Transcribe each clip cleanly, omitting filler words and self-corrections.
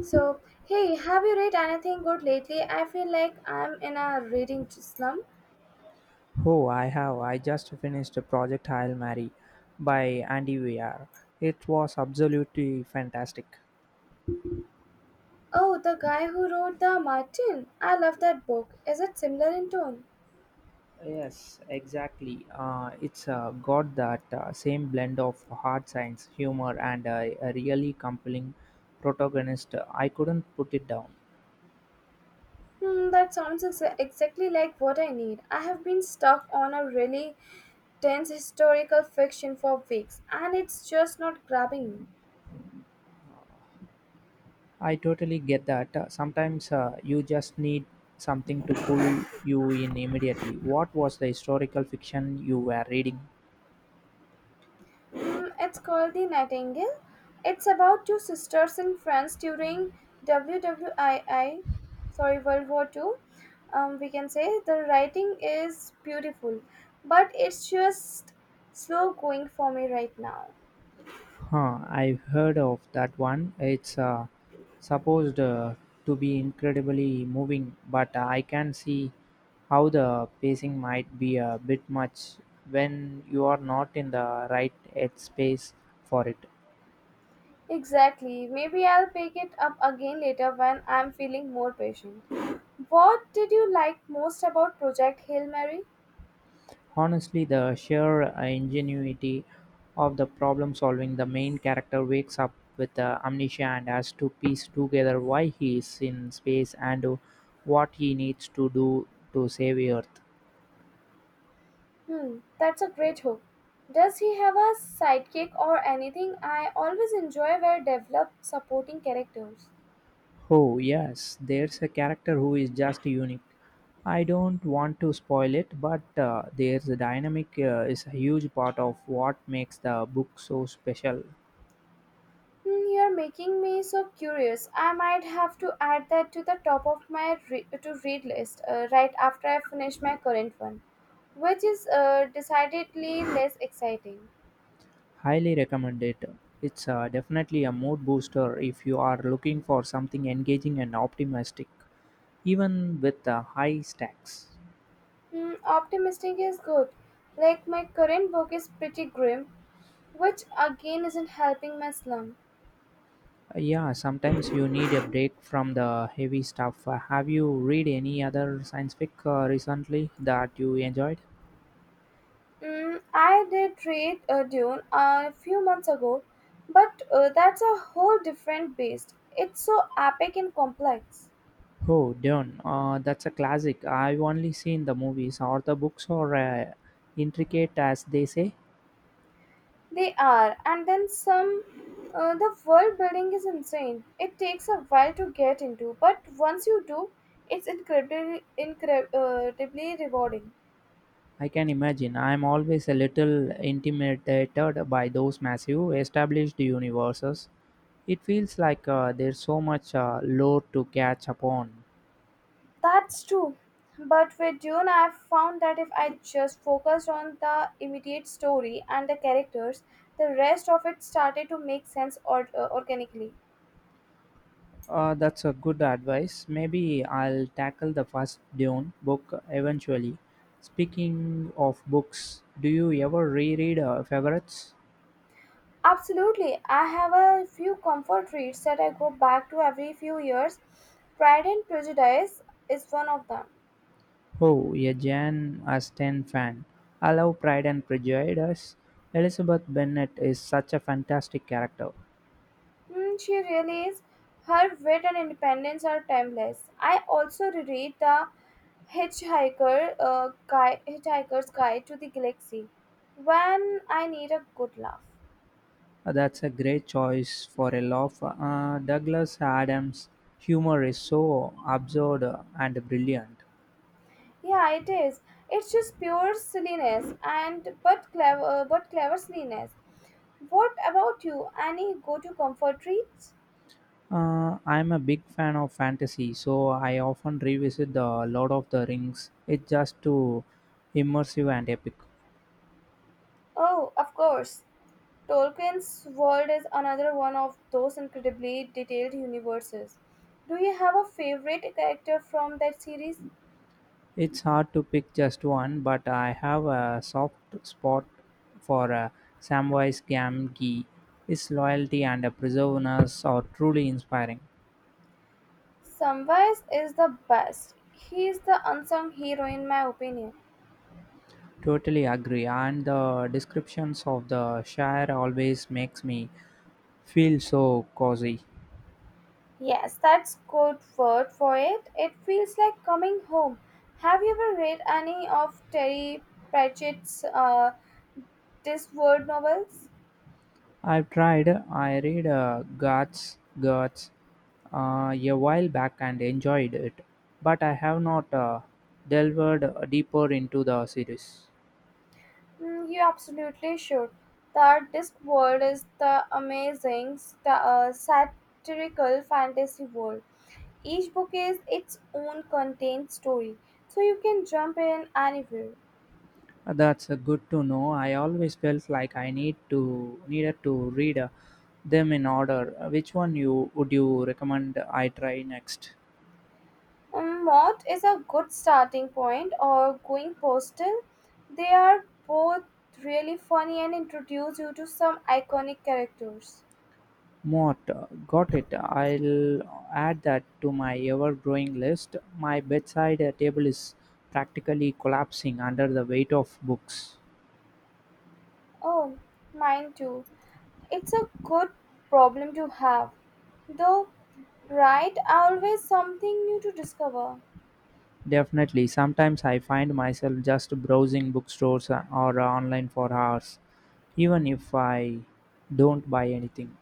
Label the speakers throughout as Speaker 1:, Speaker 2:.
Speaker 1: So, hey, have you read anything good lately? I feel like I'm in a reading slump.
Speaker 2: Oh, I have. I just finished Project Hail Mary by Andy Weir. It was absolutely fantastic.
Speaker 1: Oh, the guy who wrote The Martin. I love that book. Is it similar in tone?
Speaker 2: Yes, exactly. It's got that same blend of hard science, humor, and a really compelling protagonist. I couldn't put it down.
Speaker 1: Hmm, that sounds exactly like what I need. I have been stuck on a really dense historical fiction for weeks, and it's just not grabbing me.
Speaker 2: I totally get that. Sometimes you just need something to pull you in immediately. What was the historical fiction you were reading?
Speaker 1: Mm, it's called The Nightingale. It's about two sisters in France during WWII, sorry, World War Two. We can say the writing is beautiful, but it's just slow going for me right now.
Speaker 2: Huh, I've heard of that one. It's supposed to be incredibly moving, but I can see how the pacing might be a bit much when you are not in the right headspace for it.
Speaker 1: Exactly. Maybe I'll pick it up again later when I'm feeling more patient. What did you like most about Project Hail Mary?
Speaker 2: Honestly, the sheer ingenuity of the problem solving, the main character wakes up with amnesia and has to piece together why he is in space and what he needs to do to save Earth.
Speaker 1: Hmm, that's a great hook. Does he have a sidekick or anything? I always enjoy well developed supporting characters.
Speaker 2: Oh, yes, there's a character who is just unique. I don't want to spoil it, but there's a dynamic is a huge part of what makes the book so special.
Speaker 1: Hmm, you're making me so curious. I might have to add that to the top of my to read list right after I finish my current one, which is decidedly less exciting.
Speaker 2: Highly recommend it. It's definitely a mood booster if you are looking for something engaging and optimistic, even with the high stacks.
Speaker 1: Hmm, optimistic is good. Like my current book is pretty grim, which again isn't helping my slump.
Speaker 2: Yeah, sometimes you need a break from the heavy stuff. Have you read any other science fic recently that you enjoyed?
Speaker 1: Mm, I did read Dune a few months ago, but that's a whole different beast. It's so epic and complex.
Speaker 2: Oh, Dune. That's a classic. I've only seen the movies or the books are intricate as they say.
Speaker 1: They are, and then some. The world building is insane. It takes a while to get into, but once you do, it's incredibly, incredibly rewarding.
Speaker 2: I can imagine. I'm always a little intimidated by those massive established universes. It feels like there's so much lore to catch up on.
Speaker 1: That's true. But with Dune, I've found that if I just focused on the immediate story and the characters, the rest of it started to make sense organically.
Speaker 2: That's a good advice. Maybe I'll tackle the first Dune book eventually. Speaking of books, do you ever reread favorites?
Speaker 1: Absolutely. I have a few comfort reads that I go back to every few years. Pride and Prejudice is one of them.
Speaker 2: Oh, a Jane Austen fan. I love Pride and Prejudice. Elizabeth Bennet is such a fantastic character.
Speaker 1: Mm, she really is. Her wit and independence are timeless. I also reread the Hitchhiker's Guide to the Galaxy when I need a good laugh.
Speaker 2: That's a great choice for a law firm. Douglas Adams' humor is so absurd and brilliant.
Speaker 1: Yeah, it is. It's just pure silliness but clever silliness. What about you? Any go-to comfort reads?
Speaker 2: I'm a big fan of fantasy, so I often revisit the Lord of the Rings. It's just too immersive and epic.
Speaker 1: Oh, of course. Tolkien's world is another one of those incredibly detailed universes. Do you have a favorite character from that series?
Speaker 2: It's hard to pick just one, but I have a soft spot for Samwise Gamgee. His loyalty and perseverance are truly inspiring.
Speaker 1: Samwise is the best. He is the unsung hero in my opinion.
Speaker 2: Totally agree, and the descriptions of the Shire always makes me feel so cozy.
Speaker 1: Yes, that's good word for it. It feels like coming home. Have you ever read any of Terry Pratchett's Discworld novels?
Speaker 2: I've tried. I read Guts a while back and enjoyed it, but I have not delved deeper into the series.
Speaker 1: Mm, you absolutely should. The Discworld is the amazing sta satirical fantasy world. Each book is its own contained story, so you can jump in anywhere.
Speaker 2: That's good to know. I always felt like I needed to read them in order. Which one you would you recommend I try next?
Speaker 1: Mott is a good starting point, or Going Postal. They are both really funny and introduce you to some iconic characters.
Speaker 2: Mott, got it. I'll add that to my ever-growing list. My bedside table is practically collapsing under the weight of books.
Speaker 1: Oh, mine too. It's a good problem to have, though, right? Always something new to discover.
Speaker 2: Definitely. Sometimes I find myself just browsing bookstores or online for hours, even if I don't buy anything.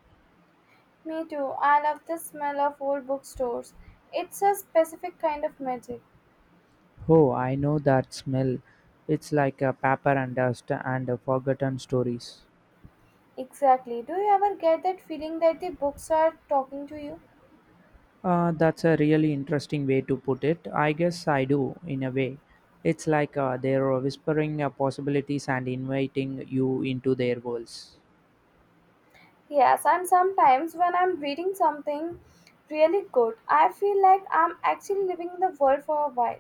Speaker 1: Me too. I love the smell of old bookstores. It's a specific kind of magic.
Speaker 2: Oh, I know that smell. It's like a paper and dust and a forgotten stories.
Speaker 1: Exactly. Do you ever get that feeling that the books are talking to you?
Speaker 2: That's a really interesting way to put it. I guess I do, in a way. It's like they're whispering possibilities and inviting you into their worlds.
Speaker 1: Yes, and sometimes when I'm reading something really good, I feel like I'm actually living in the world for a while.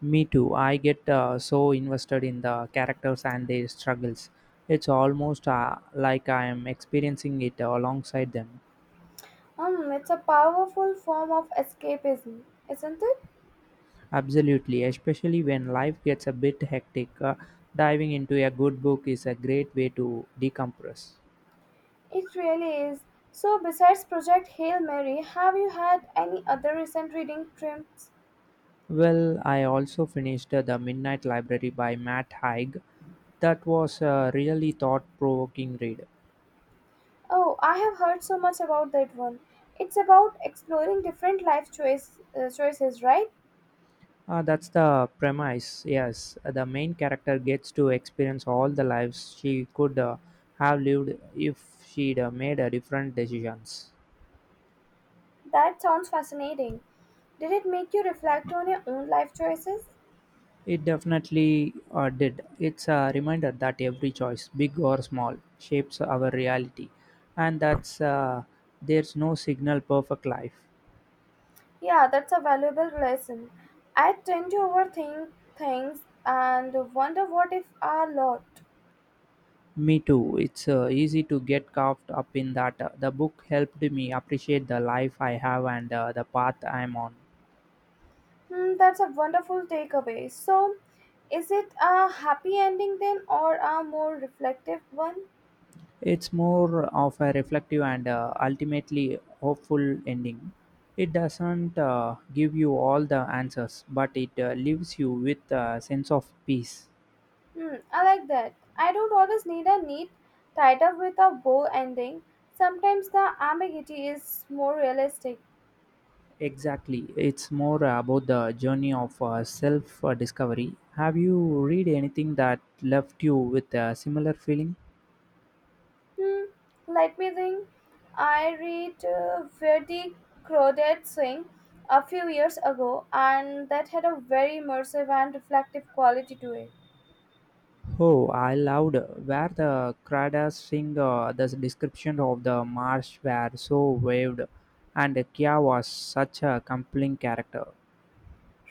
Speaker 2: Me too. I get so invested in the characters and their struggles. It's almost like I am experiencing it alongside them.
Speaker 1: Hmm, it's a powerful form of escapism, isn't it?
Speaker 2: Absolutely, especially when life gets a bit hectic, diving into a good book is a great way to decompress.
Speaker 1: It really is. So, besides Project Hail Mary, have you had any other recent reading trips?
Speaker 2: Well, I also finished The Midnight Library by Matt Haig. That was a really thought provoking read.
Speaker 1: Oh, I have heard so much about that one. It's about exploring different choices, right?
Speaker 2: That's the premise, yes. The main character gets to experience all the lives she could have lived if she'd made different decisions.
Speaker 1: That sounds fascinating. Did it make you reflect on your own life choices?
Speaker 2: It definitely did. It's a reminder that every choice, big or small, shapes our reality, and that's there's no signal perfect life.
Speaker 1: Yeah, that's a valuable lesson. I tend to overthink things and wonder what if a lot.
Speaker 2: Me too. It's easy to get caught up in that. The book helped me appreciate the life I have and the path I'm on.
Speaker 1: Hmm, that's a wonderful takeaway. So, is it a happy ending then, or a more reflective one?
Speaker 2: It's more of a reflective and ultimately hopeful ending. It doesn't give you all the answers, but it leaves you with a sense of peace.
Speaker 1: Hmm, I like that. I don't always need a neat, tied up with a bow ending. Sometimes the ambiguity is more realistic.
Speaker 2: Exactly. It's more about the journey of self discovery. Have you read anything that left you with a similar feeling?
Speaker 1: Hmm, let me think. I read Where the Crow Swing a few years ago, and that had a very immersive and reflective quality to it.
Speaker 2: Oh, I loved where the Kradas sing the description of the marsh were so waved, and Kya was such a compelling character.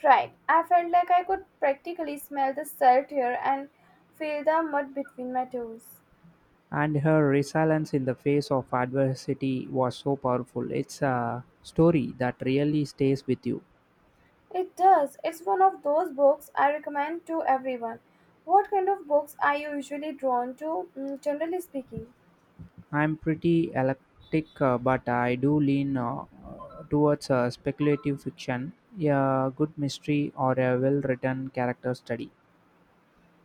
Speaker 1: Right. I felt like I could practically smell the salt here and feel the mud between my toes.
Speaker 2: And her resilience in the face of adversity was so powerful. It's a story that really stays with you.
Speaker 1: It does. It's one of those books I recommend to everyone. What kind of books are you usually drawn to, mm, generally speaking?
Speaker 2: I'm pretty eclectic, but I do lean towards speculative fiction, a good mystery, or a well written character study.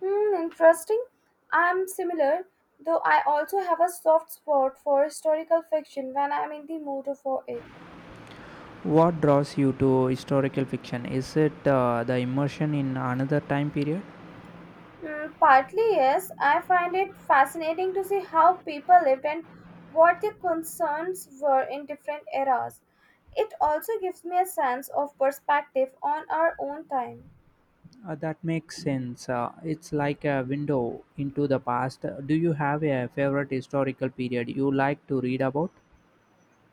Speaker 1: Hmm, interesting. I'm similar, though I also have a soft spot for historical fiction when I'm in the mood for it.
Speaker 2: What draws you to historical fiction? Is it the immersion in another time period?
Speaker 1: Mm, partly, yes. I find it fascinating to see how people lived and what their concerns were in different eras. It also gives me a sense of perspective on our own time.
Speaker 2: That makes sense. It's like a window into the past. Do you have a favorite historical period you like to read about?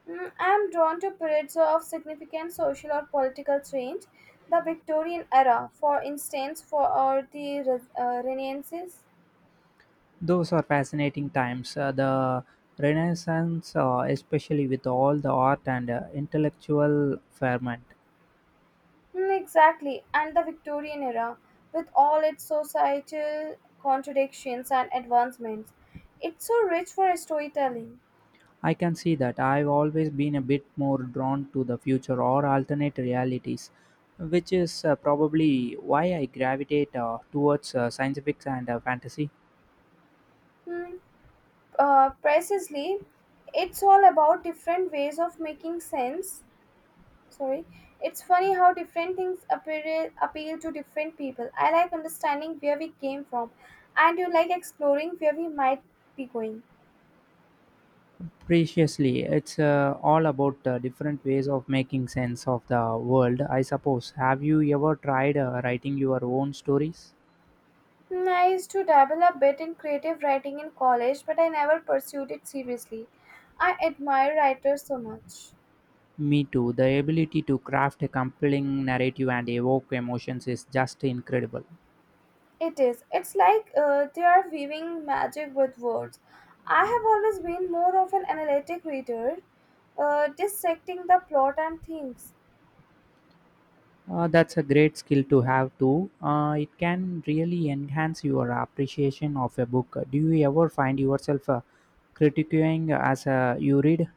Speaker 1: Mm, I am drawn to periods of significant social or political change, the Victorian era, for instance, for or the Re- Renaissance.
Speaker 2: Those are fascinating times. The Renaissance, especially with all the art and intellectual ferment.
Speaker 1: Mm, exactly, and the Victorian era, with all its societal contradictions and advancements, it's so rich for storytelling.
Speaker 2: I can see that. I've always been a bit more drawn to the future or alternate realities, which is probably why I gravitate towards science fiction and fantasy.
Speaker 1: Hmm. Precisely, it's all about different ways of making sense. Sorry, it's funny how different things appeal to different people. I like understanding where we came from, and you like exploring where we might be going.
Speaker 2: Preciously, it's all about different ways of making sense of the world, I suppose. Have you ever tried writing your own stories?
Speaker 1: Hmm, I used to dabble a bit in creative writing in college, but I never pursued it seriously. I admire writers so much.
Speaker 2: Me too. The ability to craft a compelling narrative and evoke emotions is just incredible.
Speaker 1: It is. It's like they are weaving magic with words. I have always been more of an analytic reader, dissecting the plot and themes.
Speaker 2: That's a great skill to have too. It can really enhance your appreciation of a book. Do you ever find yourself critiquing as you read?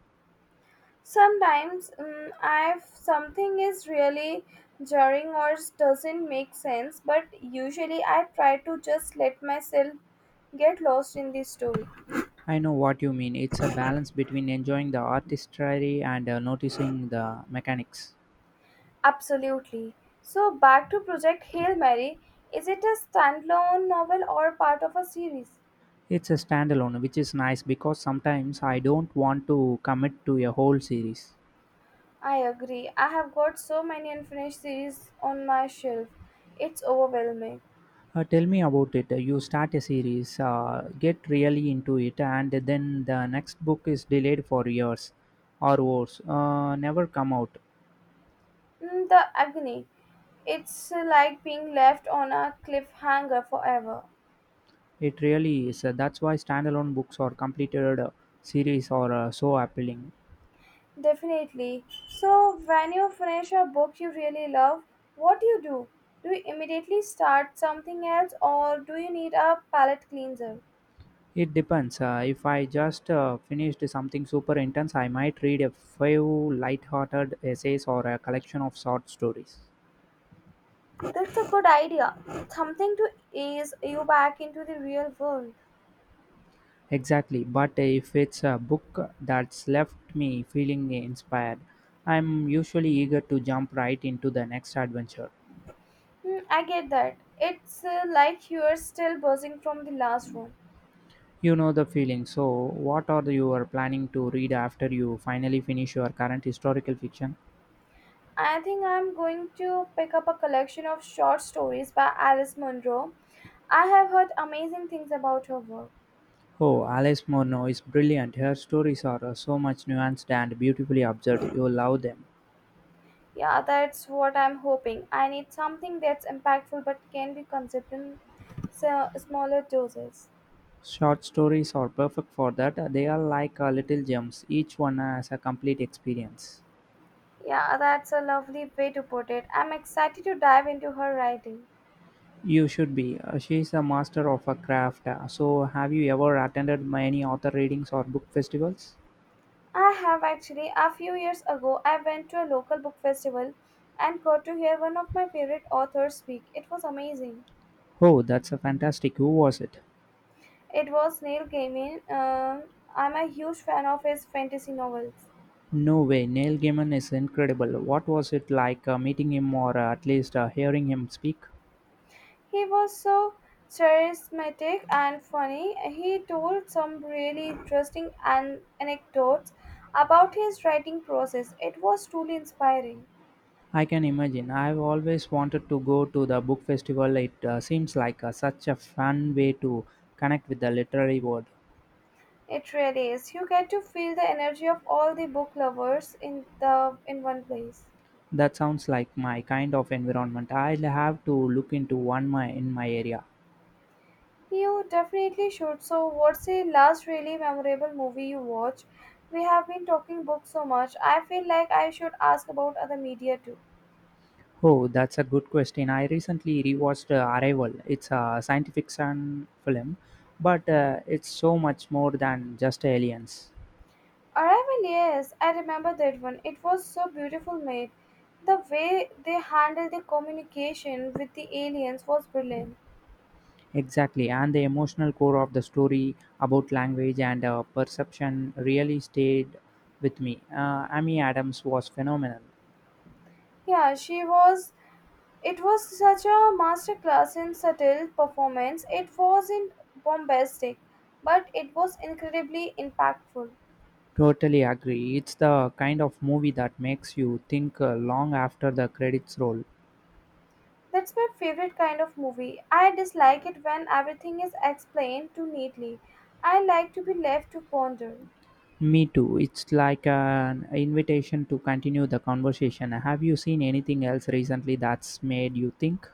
Speaker 1: Sometimes, if something is really jarring or doesn't make sense, but usually I try to just let myself get lost in the story.
Speaker 2: I know what you mean. It's a balance between enjoying the artistry and noticing the mechanics.
Speaker 1: Absolutely. So, back to Project Hail Mary, is it a standalone novel or part of a series?
Speaker 2: It's a standalone, which is nice because sometimes I don't want to commit to a whole series.
Speaker 1: I agree. I have got so many unfinished series on my shelf. It's overwhelming.
Speaker 2: Tell me about it. You start a series, get really into it, and then the next book is delayed for years or worse, never come out.
Speaker 1: Mm, the agony. It's like being left on a cliffhanger forever.
Speaker 2: It really is. That's why standalone books or completed series are so appealing.
Speaker 1: Definitely. So, when you finish a book you really love, what do you do? Do you immediately start something else or do you need a palate cleanser?
Speaker 2: It depends. If I just finished something super intense, I might read a few light-hearted essays or a collection of short stories.
Speaker 1: That's a good idea. Something to ease you back into the real world.
Speaker 2: Exactly, but if it's a book that's left me feeling inspired, I'm usually eager to jump right into the next adventure.
Speaker 1: Hmm, I get that. It's like you're still buzzing from the last one.
Speaker 2: You know the feeling. So, what are you are planning to read after you finally finish your current historical fiction?
Speaker 1: I think I'm going to pick up a collection of short stories by Alice Munro. I have heard amazing things about her work.
Speaker 2: Oh, Alice Morno is brilliant. Her stories are so much nuanced and beautifully observed. You'll love them.
Speaker 1: Yeah, that's what I'm hoping. I need something that's impactful but can be consumed in smaller doses.
Speaker 2: Short stories are perfect for that. They are like little gems. Each one has a complete experience.
Speaker 1: Yeah, that's a lovely way to put it. I'm excited to dive into her writing.
Speaker 2: You should be. She's a master of her craft. So, have you ever attended any author readings or book festivals?
Speaker 1: I have actually. A few years ago, I went to a local book festival and got to hear one of my favorite authors speak. It was amazing.
Speaker 2: Oh, that's a fantastic. Who was it?
Speaker 1: It was Neil Gaiman. I'm a huge fan of his fantasy novels.
Speaker 2: No way. Neil Gaiman is incredible. What was it like meeting him or at least hearing him speak?
Speaker 1: He was so charismatic and funny. He told some really interesting anecdotes about his writing process. It was truly inspiring.
Speaker 2: I can imagine. I've always wanted to go to the book festival. It seems like such a fun way to connect with the literary world.
Speaker 1: It really is. You get to feel the energy of all the book lovers in the in one place.
Speaker 2: That sounds like my kind of environment. I'll have to look into in my area.
Speaker 1: You definitely should. So, what's the last really memorable movie you watched? We have been talking books so much. I feel like I should ask about other media too.
Speaker 2: Oh, that's a good question. I recently rewatched Arrival. It's a science fiction film, but it's so much more than just aliens.
Speaker 1: Arrival, yes, I remember that one. It was so beautiful made. The way they handled the communication with the aliens was brilliant.
Speaker 2: Exactly, and the emotional core of the story about language and perception really stayed with me. Amy Adams was phenomenal.
Speaker 1: Yeah, she was. It was such a masterclass in subtle performance. It wasn't bombastic, but it was incredibly impactful.
Speaker 2: Totally agree. It's the kind of movie that makes you think long after the credits roll.
Speaker 1: That's my favorite kind of movie. I dislike it when everything is explained too neatly. I like to be left to ponder.
Speaker 2: Me too. It's like an invitation to continue the conversation. Have you seen anything else recently that's made you think?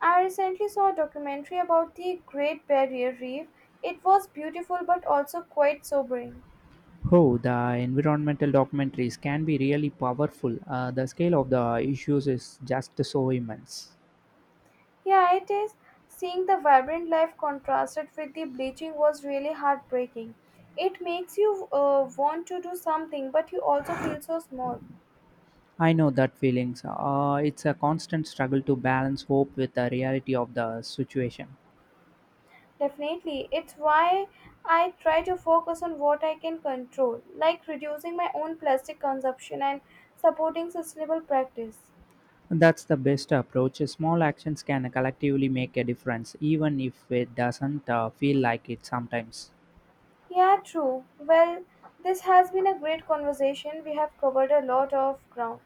Speaker 1: I recently saw a documentary about the Great Barrier Reef. It was beautiful but also quite sobering.
Speaker 2: Oh, the environmental documentaries can be really powerful. The scale of the issues is just so immense.
Speaker 1: Yeah, it is. Seeing the vibrant life contrasted with the bleaching was really heartbreaking. It makes you want to do something, but you also feel so small.
Speaker 2: I know that feelings. It's a constant struggle to balance hope with the reality of the situation.
Speaker 1: Definitely. It's why I try to focus on what I can control, like reducing my own plastic consumption and supporting sustainable practice.
Speaker 2: That's the best approach. Small actions can collectively make a difference, even if it doesn't feel like it sometimes.
Speaker 1: Yeah, true. Well, this has been a great conversation. We have covered a lot of ground.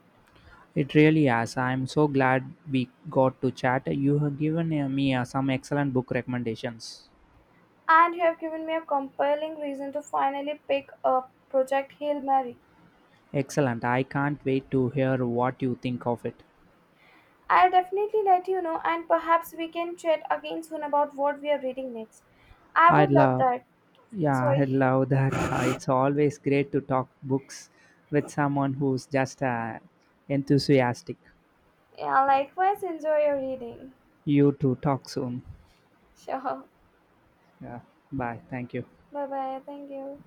Speaker 2: It really has. I'm so glad we got to chat. You have given me some excellent book recommendations.
Speaker 1: And you have given me a compelling reason to finally pick up Project Hail Mary.
Speaker 2: Excellent. I can't wait to hear what you think of it.
Speaker 1: I'll definitely let you know, and perhaps we can chat again soon about what we are reading next. I
Speaker 2: I
Speaker 1: would love
Speaker 2: love,
Speaker 1: that.
Speaker 2: yeah, I
Speaker 1: Sorry.
Speaker 2: love that. It's always great to talk books with someone who's just enthusiastic.
Speaker 1: Yeah, likewise, enjoy your reading.
Speaker 2: You too. Talk soon.
Speaker 1: Sure.
Speaker 2: Yeah. Bye. Thank you.
Speaker 1: Bye bye. Thank you.